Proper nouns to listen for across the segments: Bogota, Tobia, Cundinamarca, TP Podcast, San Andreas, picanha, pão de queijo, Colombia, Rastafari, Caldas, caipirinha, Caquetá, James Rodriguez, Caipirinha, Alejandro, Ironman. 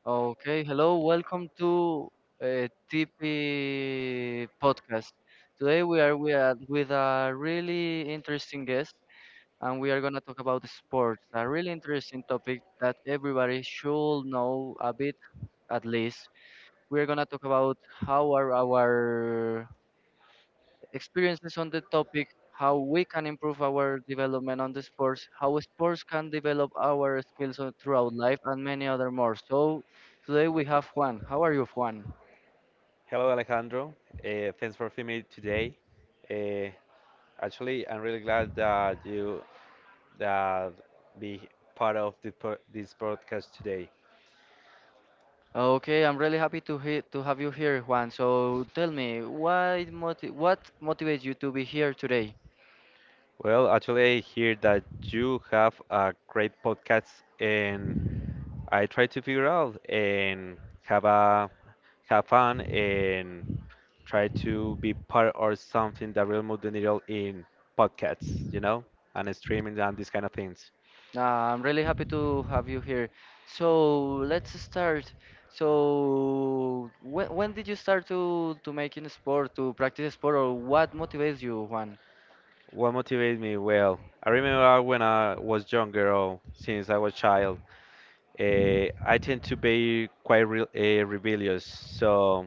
Okay, hello, welcome to TP Podcast. Today we are with a really interesting guest, and we are going to talk about sports, a really interesting topic that everybody should know a bit at least. We are going to talk about how are our experiences on the topic, how we can improve our development on the sports, how sports can develop our skills on- throughout life, and many other more. So today we have Juan. How are you, Juan? Hello, Alejandro. Thanks for having me today. Uh, actually, I'm really glad that you that be part of this podcast today. Okay, I'm really happy to to have you here, Juan. So tell me, why what motivates you to be here today? Well, actually, I hear that you have a great podcast, and I try to figure out and have a have fun and try to be part of something that will move the needle in podcasts, and streaming and these kind of things. I'm really happy to have you here. So let's start. So when did you start to making sport, to practice sport, or what motivates you, Juan? What motivates me? Well, I remember when I was younger, or since I was child, I tend to be quite re rebellious. So,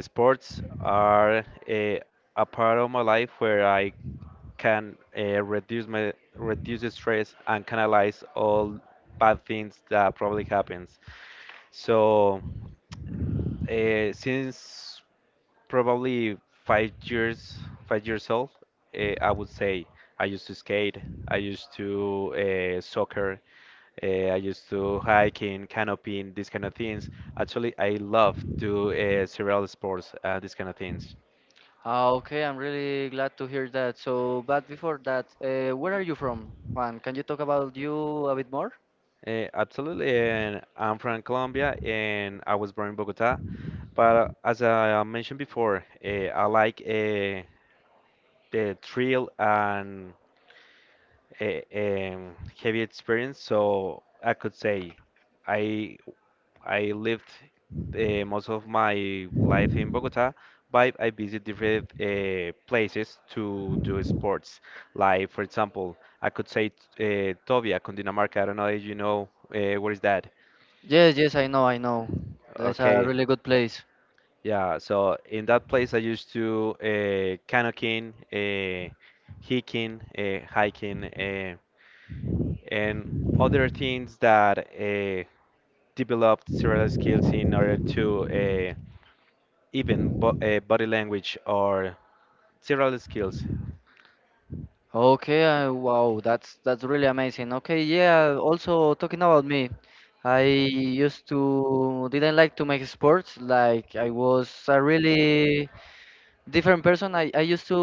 sports are uh, a part of my life where I can reduce the stress and canalize all bad things that probably happens. So, since probably five years, 5 years old, I would say I used to skate, I used to soccer, I used to hiking, canopying, these kind of things. Actually, I love to several sports, these kind of things. Ah, okay, I'm really glad to hear that. So, but before that, where are you from, Juan? Can you talk about you a bit more? Absolutely, and I'm from Colombia, and I was born in Bogota. But as I mentioned before, I like the thrill and a, heavy experience, so I could say I I lived most of my life in Bogota, but I visit different places to do sports. Like for example, I could say Tobia, Cundinamarca. I don't know if you know where is that. Yes, I know, I know. That's a Okay. really good place. Yeah, so in that place I used to canoeing, hiking, And other things that developed several skills in order to even bo body language or several skills. Okay, wow, that's really amazing. Okay, yeah, also talking about me, I used to didn't like to make sports. Like I was a really different person. I used to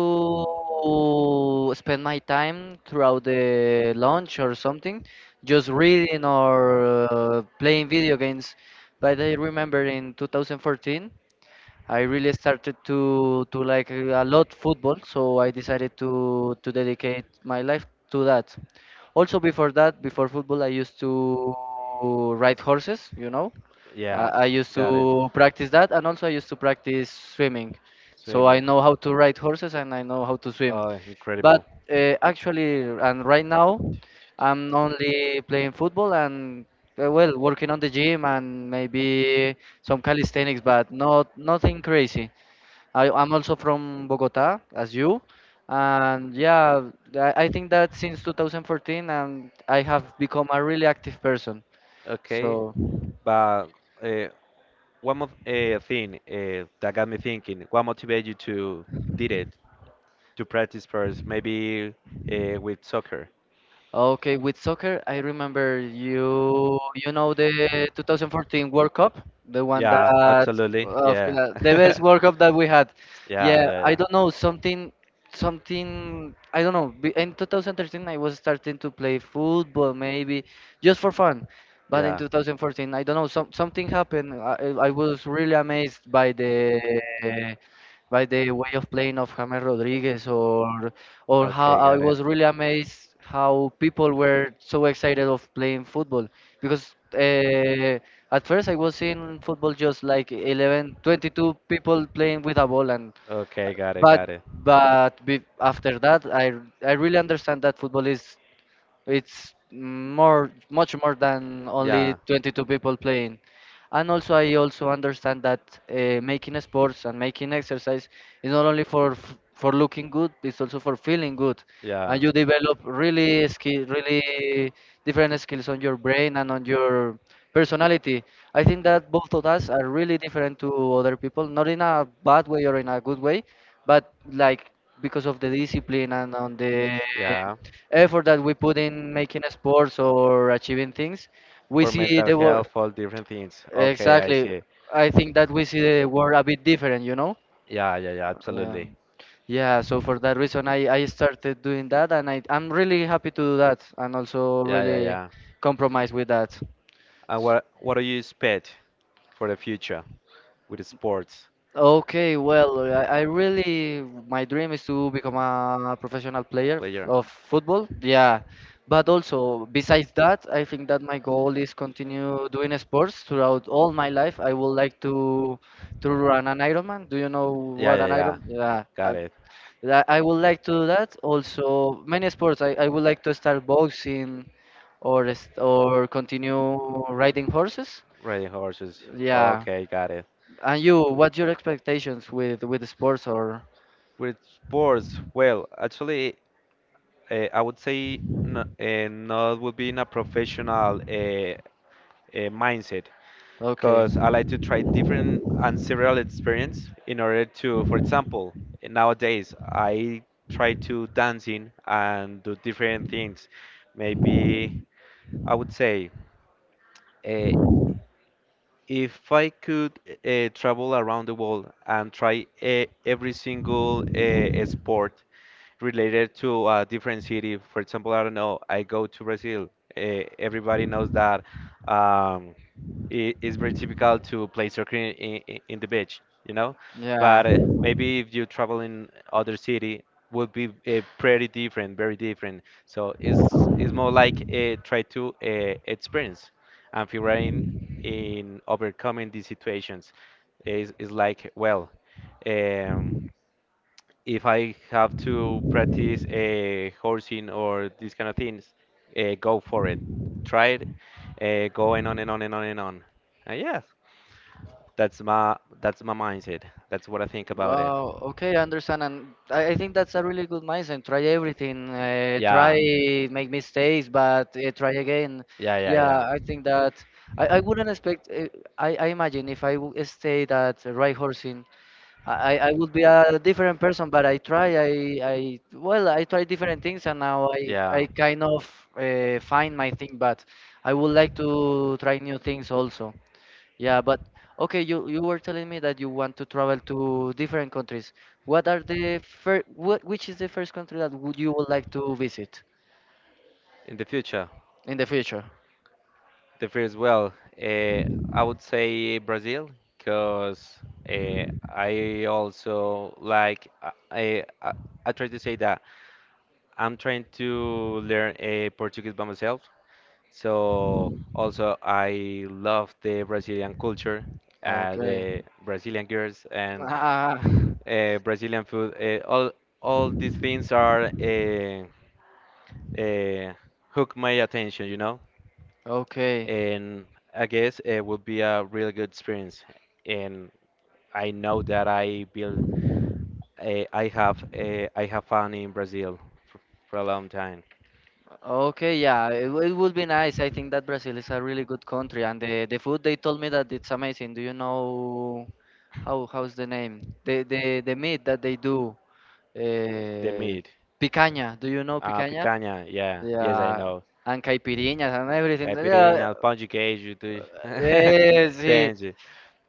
spend my time throughout the lunch or something, just reading or playing video games. But I remember in 2014, I really started to like a lot football, so I decided to dedicate my life to that. Also, before that, before football, I used to ride horses, you know. Yeah, I used got it. to practice that, and also I used to practice swimming. So I Swimming. know how to ride horses and I know how to swim. Oh, But incredible. Actually, and right now, I'm only playing football and well, working on the gym and maybe some calisthenics, but not nothing crazy. I'm also from Bogota, as you. And yeah, I think that since 2014, and I have become a really active person. Okay, So. but uh, one more thing that got me thinking, what motivated you to did it, to practice first, maybe with soccer? Okay, with soccer, I remember you know the 2014 World Cup, the one Yeah, that absolutely. of Yeah. the best World Cup that we had. Yeah, Yeah, yeah, I yeah. don't know something I don't know. In 2013, I was starting to play football maybe just for fun, but in Yeah. 2014, I don't know something happened. I was really amazed by the way of playing of James Rodriguez or how Okay, I got it. was really amazed how people were so excited of playing football because at first I was seeing football just like 11, 22 people playing with a ball and Okay, got it, but got it. After that I really understand that football is it's more, much more than only Yeah. 22 people playing. And also, I also understand that making sports and making exercise is not only for for looking good, it's also for feeling good. Yeah. And you develop really skill, really different skills on your brain and on your personality. I think that both of us are really different to other people, not in a bad way or in a good way, but like because of the discipline and on the Yeah. effort that we put in making sports or achieving things, we For see mental the world health, all different things. Okay, I exactly. see. I think that we see the world a bit different, you know. Yeah, yeah, yeah, Yeah. absolutely. Yeah. So for that reason, I started doing that, and I'm really happy to do that, and also Yeah, yeah, really yeah. compromise with that. And what do you expect for the future with sports Okay, well, I really, my dream is to become a professional player player? of football. Yeah, but also besides that, I think that my goal is continue doing sports throughout all my life. I would like to run an Ironman. Do you know Yeah, what yeah, an yeah. Iron? Yeah, Got it. I would like to do that. Also, many sports. I would like to start boxing or or continue riding horses. Riding horses. Yeah. Okay, got it. And you, what's your expectations with sports or? With sports, well, actually, I would say no, not would be in a professional mindset. Okay. Because I like to try different and several experience in order to, for example, nowadays I try to dancing and do different things. Maybe I would say uh, if I could travel around the world and try every single sport related to a different city. For example, I don't know, I go to Brazil. Everybody knows that um, it is very typical to play soccer in the beach. Yeah. But maybe if you travel in other city, would be pretty different, very different. So it's more like try to experience and figuring in overcoming these situations is like well. Um, if I have to practice horsing or these kind of things, go for it. Try it. Going on and on and on and on. And yes, that's my mindset. That's what I think about it. Wow. Okay, I understand, and I think that's a really good mindset. Try everything. Try Yeah, make mistakes, but try again. yeah, yeah, Yeah, yeah. I think that I wouldn't expect. I imagine if I stayed at right horsing, I would be a different person. But I try. I well, I try different things, and now I Yeah. kind of find my thing. But I would like to try new things also. Yeah, but okay, you were telling me that you want to travel to different countries. What are the first, what, which is the first country that would you would like to visit In the future. in the future? The first, well, uh, I would say Brazil, because I also like I try to say that I'm trying to learn Portuguese by myself. So also I love the Brazilian culture, Okay. the Brazilian girls and Ah, Brazilian food. All these things are uh, hook my attention. okay. And I guess it would be a really good experience. And I know that I have found in Brazil for, for a long time. Okay, yeah, it would be nice. I think that Brazil is a really good country, and the food they told me that it's amazing. Do you know how's the name? The meat that they do, The uh, meat, picanha. Do you know picanha? picanha, yeah, yes, I Yeah, know. and caipirinhas and everything. Yeah, Caipirinha, pão de queijo, tudo. eh, sí, Entende?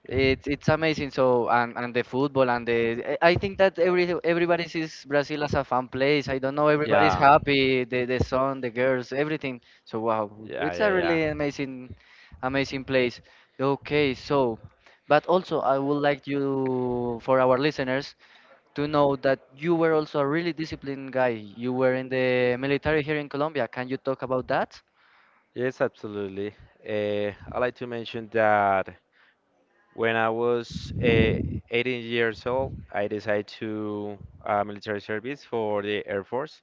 it's amazing. So and the football and the I think that everybody sees Brazil as a fun place. I don't know, everybody's Yeah, happy. The sun, the girls, everything. So wow, yeah, it's a yeah, yeah. really amazing, amazing place. Okay, so but also I would like you for our listeners to know that you were also a really disciplined guy. You were in the military here in Colombia. Can you talk about that? Yes, absolutely. I like to mention that when I was 18 years old, I decided to military service for the Air Force.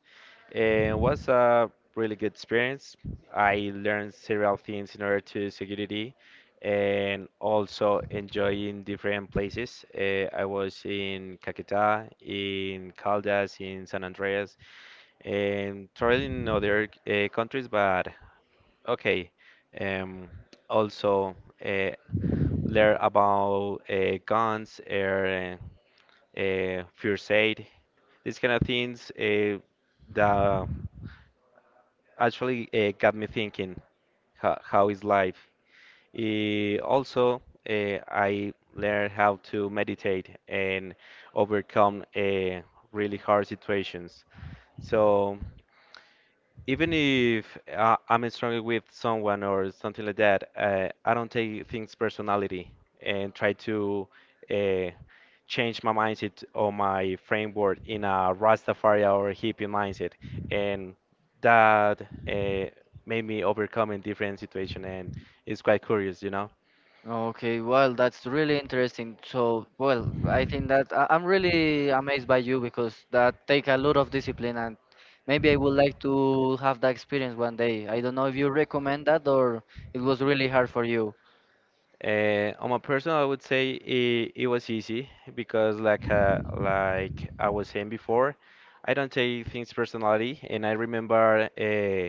And it was a really good experience. I learned several things in order to security and also enjoying different places. I was in Caquetá, in Caldas, in San Andreas, and traveling in other countries, but okay. Um, also, uh, learn about guns air, first aid, these kind of things that actually got me thinking how is life. Also, I learned how to meditate and overcome really hard situations. So even if I'm struggling with someone or something like that, I don't take things personality and try to uh, change my mindset or my framework in a Rastafari or hippie mindset, and that uh, made me overcome in different situation, and it's quite curious. Okay, well, that's really interesting. So, well, I think that I'm really amazed by you because that take a lot of discipline and maybe I would like to have that experience one day. I don't know if you recommend that or it was really hard for you. On my personal, I would say it was easy because, like I was saying before, I don't take things personally, and I remember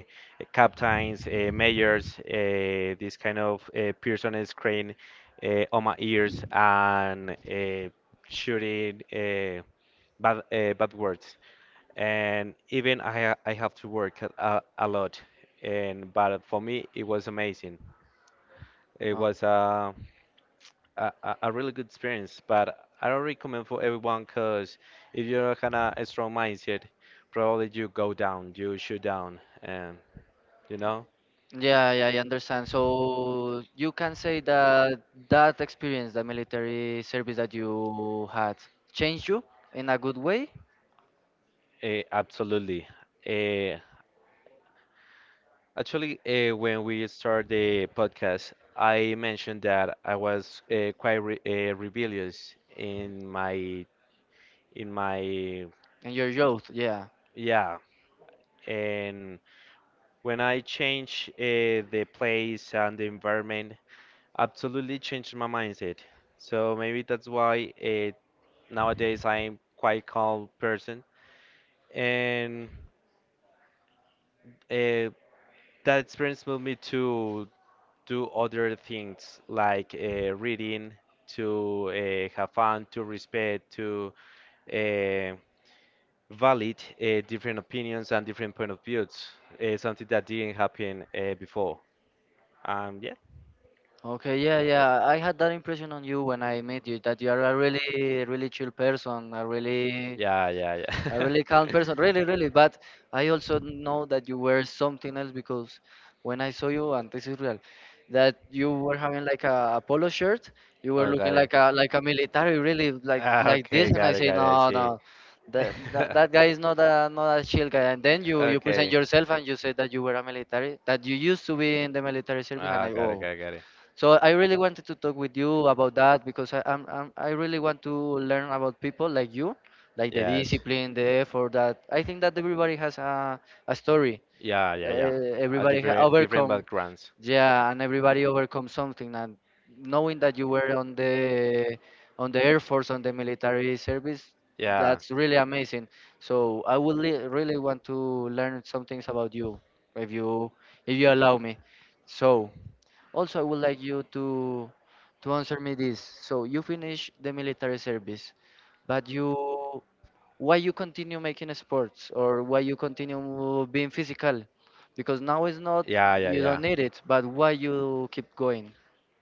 captains, mayors, this kind of person screen on my ears and shooting bad bad words. And even I have to work a lot, and but for me it was amazing. It Oh, was a really good experience, but I don't recommend for everyone because if you don't have a strong mindset, probably you go down, you shoot down, you know, yeah, yeah, I understand. So you can say that that experience, the military service that you had, changed you in a good way absolutely. Eh, Actually, when we start the podcast, I mentioned that I was quite rebellious in my in your youth. Yeah. yeah, and when I change the place and the environment. Absolutely changed my mindset. So maybe that's why nowadays I'm quite calm person, and uh, that experience moved me to do other things like reading, to have fun, to respect, to uh, valid different opinions and different point of views. Something that didn't happen before. Yeah, Okay, yeah, yeah. I had that impression on you when I met you that you are a really, really chill person, yeah, yeah, a yeah. really calm person, really, really. But I also know that you were something else because when I saw you, and this is real, that you were having like a polo shirt, you were Oh, looking got it. like a military, really, Ah, like this. okay, And I got it, say, got it. I no, see. no, that guy is not a chill guy. And then you present Okay. yourself and you say that you were a military, that you used to be in the military service, and Ah, I, got it, oh. got it, got it. So I really wanted to talk with you about that because I'm I really want to learn about people like you, like the Yes. discipline, the effort. That I think that everybody has a story. Yeah, yeah, yeah. A Everybody different, different overcome, backgrounds. yeah, and everybody overcome something. And knowing that you were on the air force, on the military service, Yeah, that's really amazing. So I would really want to learn some things about you, if you if you allow me. So. Also, I would like you to answer me this. So you finish the military service, but you why you continue making sports or why you continue being physical? Because now it's not yeah, you don't yeah, need it, but why you keep going?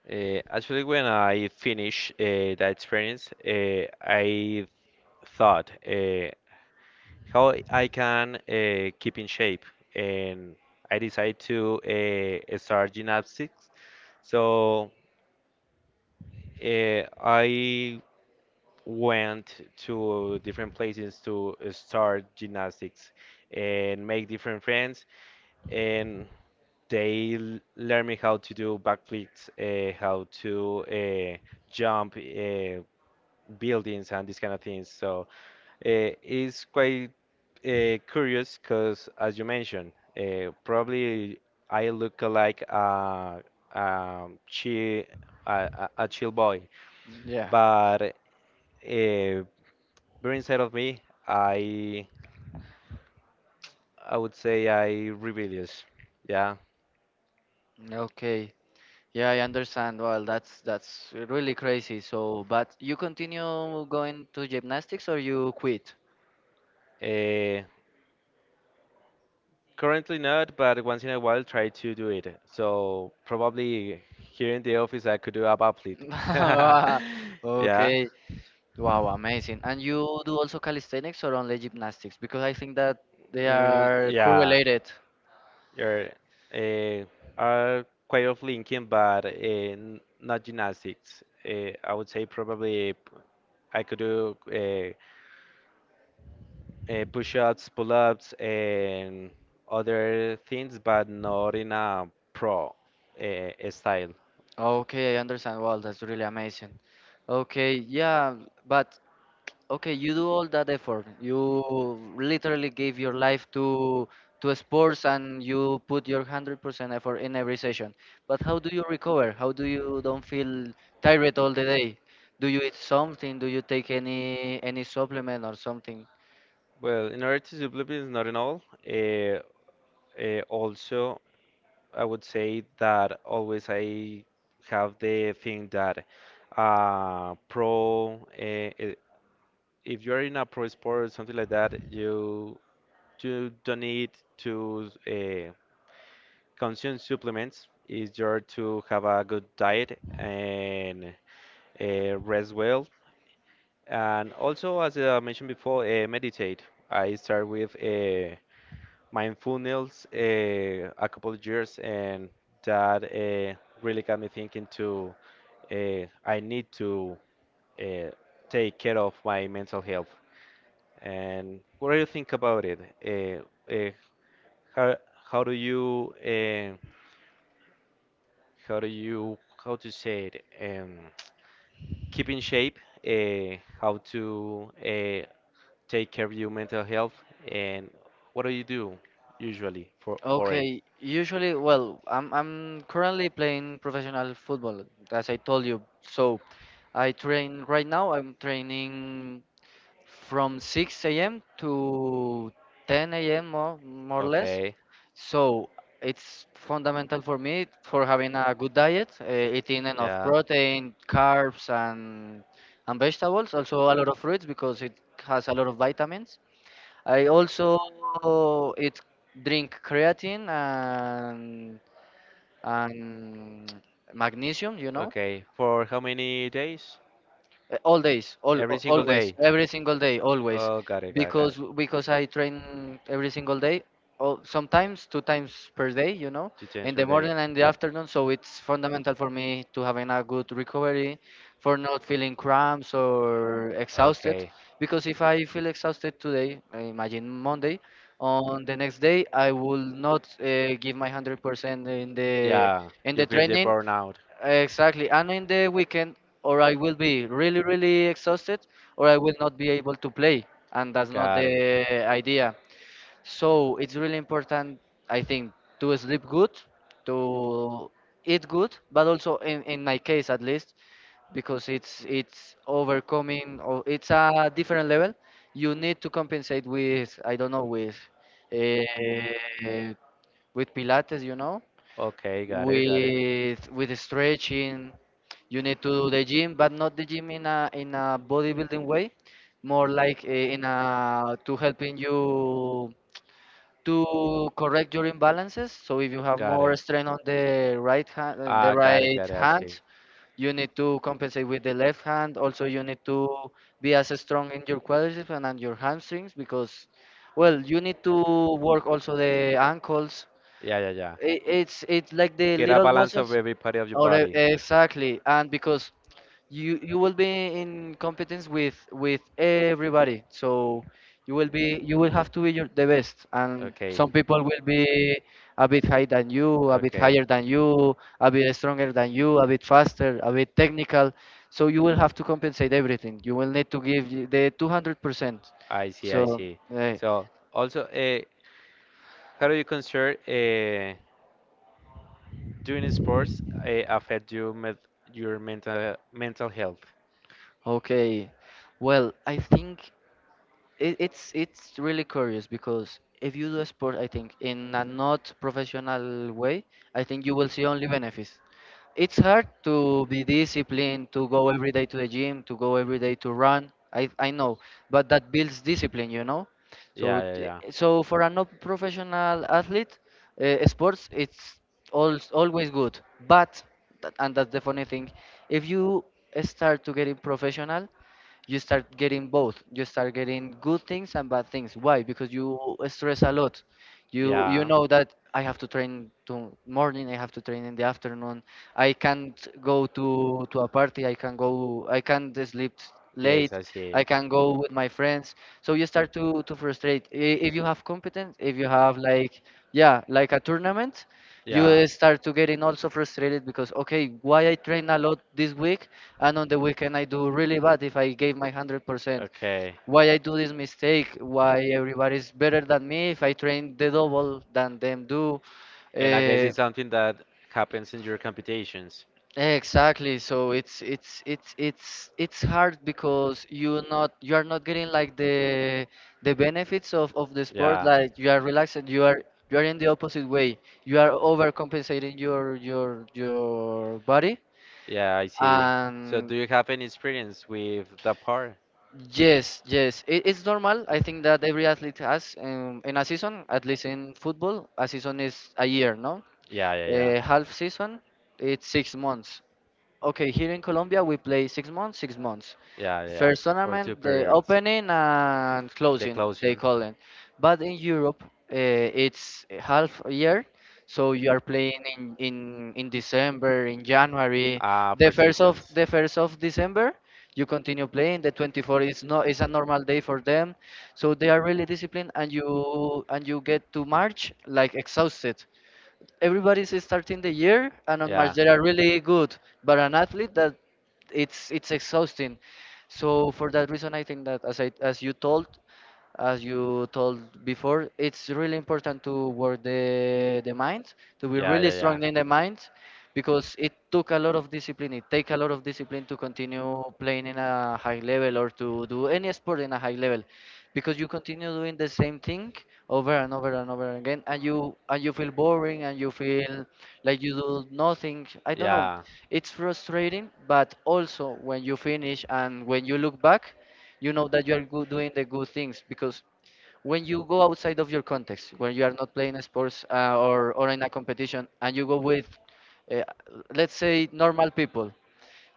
yeah. Actually, when I finished that experience, I thought. How I can keep in shape. And I decided to start gymnastics. So I went to different places to start gymnastics and make different friends. And they learn me how to do backflips, how to uh, jump buildings, and these kind of things. So it's quite curious because, as you mentioned, probably I look like a chill a chill boy, Yeah. but uh, but inside of me, I I would say I rebellious. Yeah. Okay. Yeah, I understand. Well, that's really crazy. So, but you continue going to gymnastics or you quit? Uh, Currently not, but once in a while try to do it. So probably here in the office I could do a backflip. Yeah. Okay. Wow, amazing. And you do also calisthenics or only gymnastics? Because I think that they Mm, are yeah. correlated. Yeah, are uh, are quite of linking, but not gymnastics. I would say probably I could do push-ups, pull-ups, and other things, but not in a pro style. Okay, I understand. Wow, that's really amazing. Okay, yeah, but okay, you do all that effort. You literally give your life to sports and you put your 100% effort in every session. But how do you recover? How do you don't feel tired all the day? Do you eat something? Do you take any supplement or something? Well, in order to supplement is not in all. Uh, Also, I would say that always I have the thing that pro if you're in a pro sport or something like that, you don't need to consume supplements. It's just to have a good diet and rest well. And also, as I mentioned before, meditate. I start with mindfulness a couple of years, and that really got me thinking to I need to uh, take care of my mental health. And what do you think about it? Uh, uh, how how do you uh, how do you how to say it? Keep in shape. How to take care of your mental health? And what do you do usually for it? Okay, usually, well, I'm currently playing professional football, as I told you. So I train right now. I'm training from 6 a.m. to 10 a.m. More or less. Okay. So it's fundamental for me for having a good diet, eating enough Yeah. protein, carbs, and vegetables. Also a lot of fruits because it has a lot of vitamins. I also it drink creatine and magnesium, you know, Okay. For how many days? All days all Every single always day. every single day always Oh, got it, got it, got it. because I train every single day or sometimes two times per day, you know, Two times in per the morning day. and the afternoon. So it's fundamental for me to having a good recovery for not feeling cramps or exhausted, Okay. because if I feel exhausted today, I imagine Monday, on the next day I will not give my 100% Yeah, in the you feel the training. burnout. Exactly. And in the weekend, or I will be really, really exhausted, or I will not be able to play. And that's not Got it. the idea. So it's really important, I think, to sleep good, to eat good, but also in my case at least, because it's overcoming or it's a different level. You need to compensate with I don't know uh, with Pilates, Okay, got it, got it. with stretching. You need to do the gym, but not the gym in a bodybuilding way, more like in a to helping you to correct your imbalances. So if you have Got more it. strain on the right hand, in the Ah, got it, right got it. I see. hand, you need to compensate with the left hand. Also, you need to be as strong in your quadriceps and on your hamstrings because, well, you need to work also the ankles Yeah, yeah, yeah. it, it's it's like the Get a little balance of muscles every part of your or body. exactly. And because you will be in competence with everybody, so you will have to be the best, and Okay. some people will be a bit higher than you a bit Okay. higher than you a bit stronger than you, a bit faster, a bit technical, so you will have to compensate everything. You will need to give the 200%. I see, I so see. eh, So also, how do you consider doing sports affect you met your mental health? okay, well, I think it's really curious because if you do a sport, I think in a not professional way, I think you will see only benefits. It's hard to be disciplined, to go every day to the gym, to go every day to run. I know, but that builds discipline, you know. So Yeah, yeah, so for a non-professional athlete, sports it's always good. But and that's the funny thing, if you start to getting professional, you start getting both. You start getting good things and bad things. Why? Because you stress a lot. yeah, You yeah. know that I have to train to morning, I have to train in the afternoon, I can't go to a party, I can't sleep late, Yes, I see. I can go with my friends. So you start to frustrate. If you have competence, if you have like, yeah, like a tournament, you Yeah. Start to getting also frustrated because, okay, why I train a lot this week and on the weekend I do really bad if I gave my 100%? Okay. Why I do this mistake? Why everybody's better than me if I train the double than them do? And I guess Uh, it's something that happens in your competitions. exactly. So it's hard because you not you are not getting like the benefits of the sport. Yeah. Like you are relaxed. You are in the opposite way. You are overcompensating your body Yeah, I see. So and do you have any experience with the part? yes, yes, it's normal. I think that every athlete has in a season, at least in football, a season is a year, no? Yeah, yeah, yeah. A half season, it's 6 months. Okay, here in Colombia we play 6 months, 6 months. Yeah, yeah, yeah. First For two tournament, the periods. opening and The closing, they closing. call it. But in Europe, it's a half a year, so you are playing in December, in January. Ah, The for first of seasons. the 1st of December, you continue playing. The 24th. Is no is a normal day for them, so they are really disciplined, and you get to March like exhausted. Everybody's starting the year and on March Yeah. they are really good, but an athlete that it's exhausting. So for that reason, I think that as you told before, it's really important to work the mind, to be Yeah, really yeah, yeah. strong in the mind, because it took a lot of discipline. It take a lot of discipline to continue playing in a high level or to do any sport in a high level because you continue doing the same thing over and over and over again, and you feel boring, and you feel like you do nothing, I don't know. Yeah, It's frustrating, but also when you finish and when you look back, you know that you are good doing the good things because when you go outside of your context, when you are not playing a sports or in a competition, and you go with uh, let's say normal people,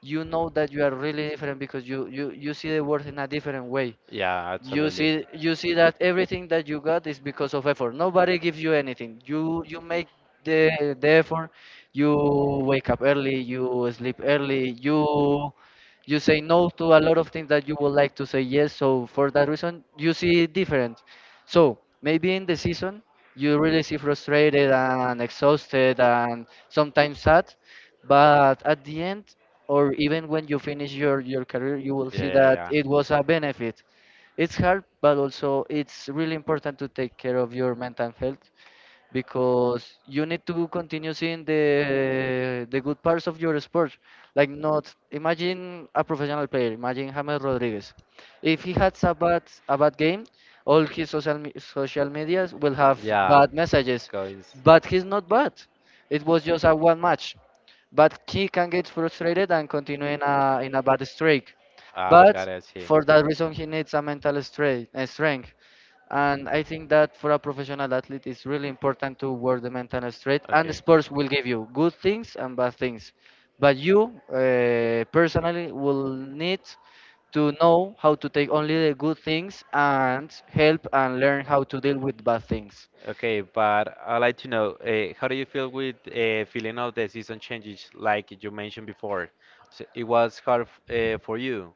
you know that you are really different because you see the world in a different way. yeah, you absolutely. see you see that everything that you got is because of effort. Nobody gives you anything. You make the effort. You wake up early, you sleep early, you say no to a lot of things that you would like to say yes. So for that reason, you see it different. So maybe in the season you really see frustrated and exhausted and sometimes sad, but at the end, or even when you finish your career, you will Yeah, see yeah, that yeah. it was a benefit. It's hard, but also it's really important to take care of your mental health, because you need to continue seeing the good parts of your sport. Like, not imagine a professional player, imagine James Rodriguez. If he has a bad game, all his social medias will have Yeah, bad messages, goes. but he's not bad. It was just a one match, but he can get frustrated and continue in a bad streak. Ah, But got it, I see. for that reason, he needs a mental strength. And I think that for a professional athlete, it's really important to work the mental strength. And Okay. sports will give you good things and bad things, but you personally will need to know how to take only the good things and help and learn how to deal with bad things. Okay, but I'd like to know how do you feel with feeling of the season changes, like you mentioned before? So it was hard for you.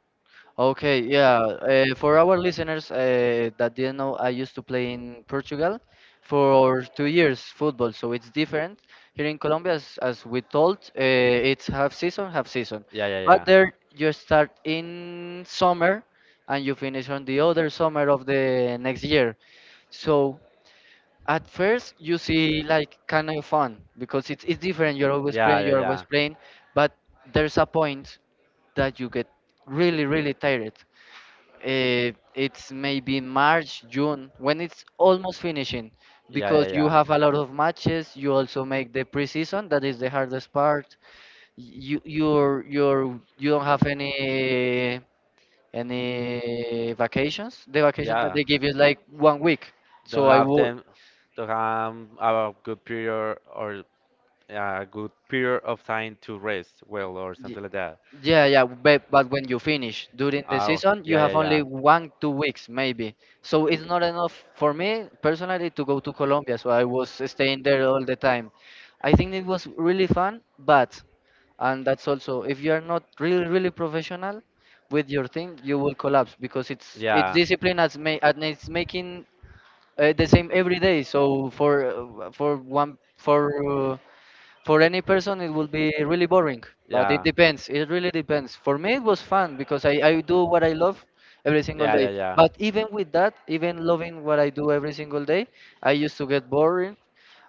Okay, yeah. For our listeners that didn't know, I used to play in Portugal for 2 years football, so it's different. Here in Colombia, as we told, it's half season, half season. Yeah, yeah, But yeah. there you start in summer and you finish on the other summer of the next year. So at first you see like kind of fun because it's different. Yeah, yeah, You're yeah. always playing, but there's a point that you get really really tired. It's maybe March, June, when it's almost finishing, Yeah, because yeah, you yeah. have a lot of matches. You also make the preseason, that is the hardest part. You you don't have any vacations. The vacation that Yeah. they give you is like 1 week. Don't So I have would. them. Don't have a good period or eh, a good period of time to rest well or something like that. Yeah, yeah, but when you finish during the Oh, season, you yeah, yeah, have only yeah. one, 2 weeks maybe. So it's not enough for me personally to go to Colombia. So I was staying there all the time. I think it was really fun, but, and that's also, if you are not really, really professional with your thing, you will collapse because it's Yeah. discipline as ma and it's making the same every day. So for one for any person it would be really boring, but it Yeah. depends, it really depends. For me it was fun because I do what I love every single Yeah, yeah, day. yeah. But even with that, even loving what I do every single day, I used to get boring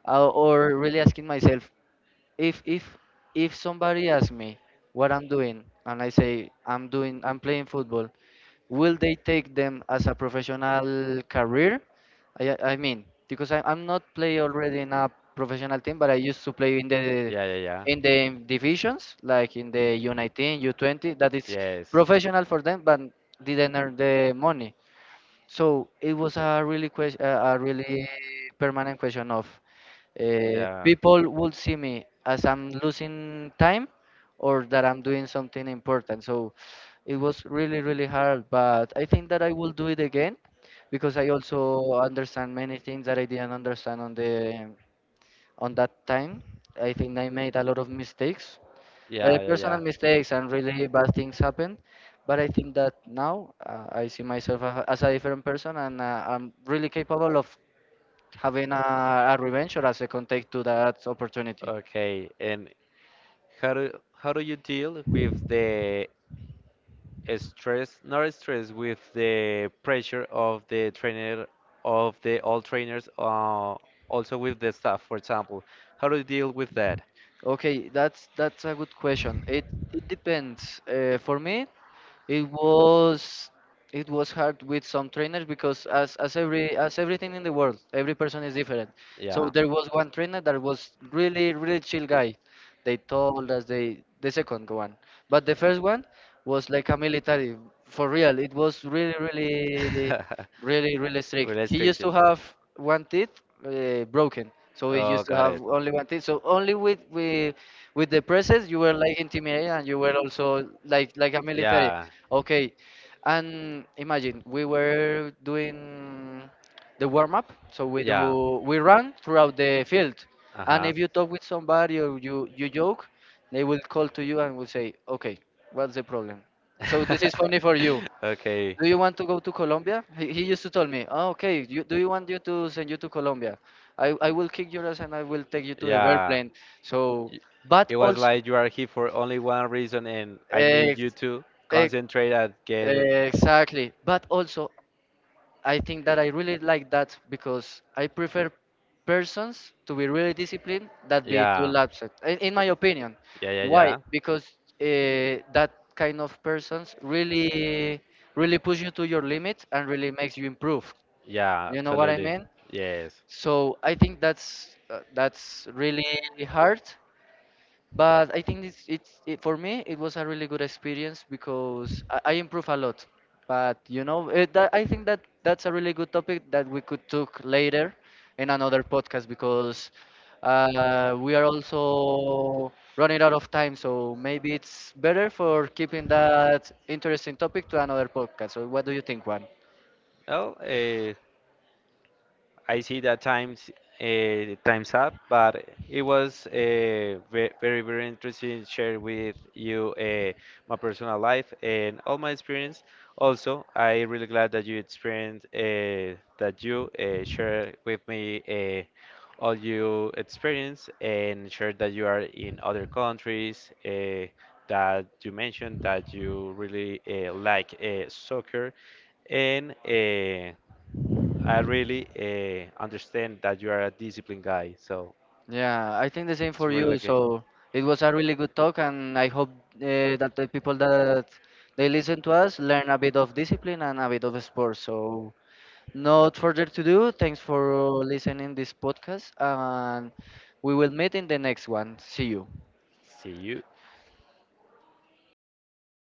or really asking myself if if somebody asks me what I'm doing, and I say I'm playing football, will they take them as a professional career? I mean, because I'm not play already in a professional team, but I used to play in the Yeah, yeah, yeah. Divisions, like in the U19, U20. That is Yes. professional for them, but didn't earn the money. So it was a really question, a really permanent question of Yeah. people would see me as I'm losing time or that I'm doing something important. So it was really, really hard, but I think that I will do it again because I also understand many things that I didn't understand on the on that time. I think I made a lot of mistakes, Yeah, yeah, yeah. personal mistakes, and really bad things happen. But I think that now I see myself as a different person, and I'm really capable of having a revenge or a second take to that opportunity. Okay, and how do how do you deal with the stress, not stress, with the pressure of the trainer, of the all trainers, also with the staff, for example? How do you deal with that? Okay, that's a good question. It depends. For me, it was it was hard with some trainers because as everything in the world, every person is different. So Yeah. there was one trainer that was really really chill guy. They told us they the second one, but the first one was like a military for real. It was really really strict. Really He used to restricted. have one teeth broken, so he Oh, used to got have it. only one teeth, so only with with the presses you were like intimidated, and you were also like a military. Yeah. Okay, and imagine we were doing the warm up, so we Yeah. do we run throughout the field, Uh and huh. if you talk with somebody or you joke, they will call to you and will say, okay, what's the problem, so this is funny for you, Okay. do you want to go to Colombia? He used to tell me, oh, okay, you, do you want you to send you to Colombia? I will kick your ass and I will take you to the Yeah. airplane. So, Y- but It was also, like you are here for only one reason, and I need you ex, to ex, concentrate and get. exactly. But also, I think that I really like that because I prefer persons to be really disciplined that be too Yeah. lapsed. In my opinion, Yeah, yeah, why? yeah. Because that kind of persons really, really push you to your limit and really makes you improve. Yeah, You know what I absolutely. mean? Yes. So I think that's really hard, but I think for me it was a really good experience because I improve a lot. But you know, I think that that's a really good topic that we could talk later in another podcast because we are also running out of time. So maybe it's better for keeping that interesting topic to another podcast. So what do you think, Juan? Oh, I see that times up, but it was very very interesting to share with you my personal life and all my experience. Also, I really glad that you experienced that you share with me all your experience and share that you are in other countries. That you mentioned that you really like soccer and I really understand that you are a disciplined guy, so Yeah, I think the same it's for really you. good. So it was a really good talk, and I hope that the people that they listen to us learn a bit of discipline and a bit of sports. So not further to do. Thanks for listening this podcast, and we will meet in the next one. See you. See you.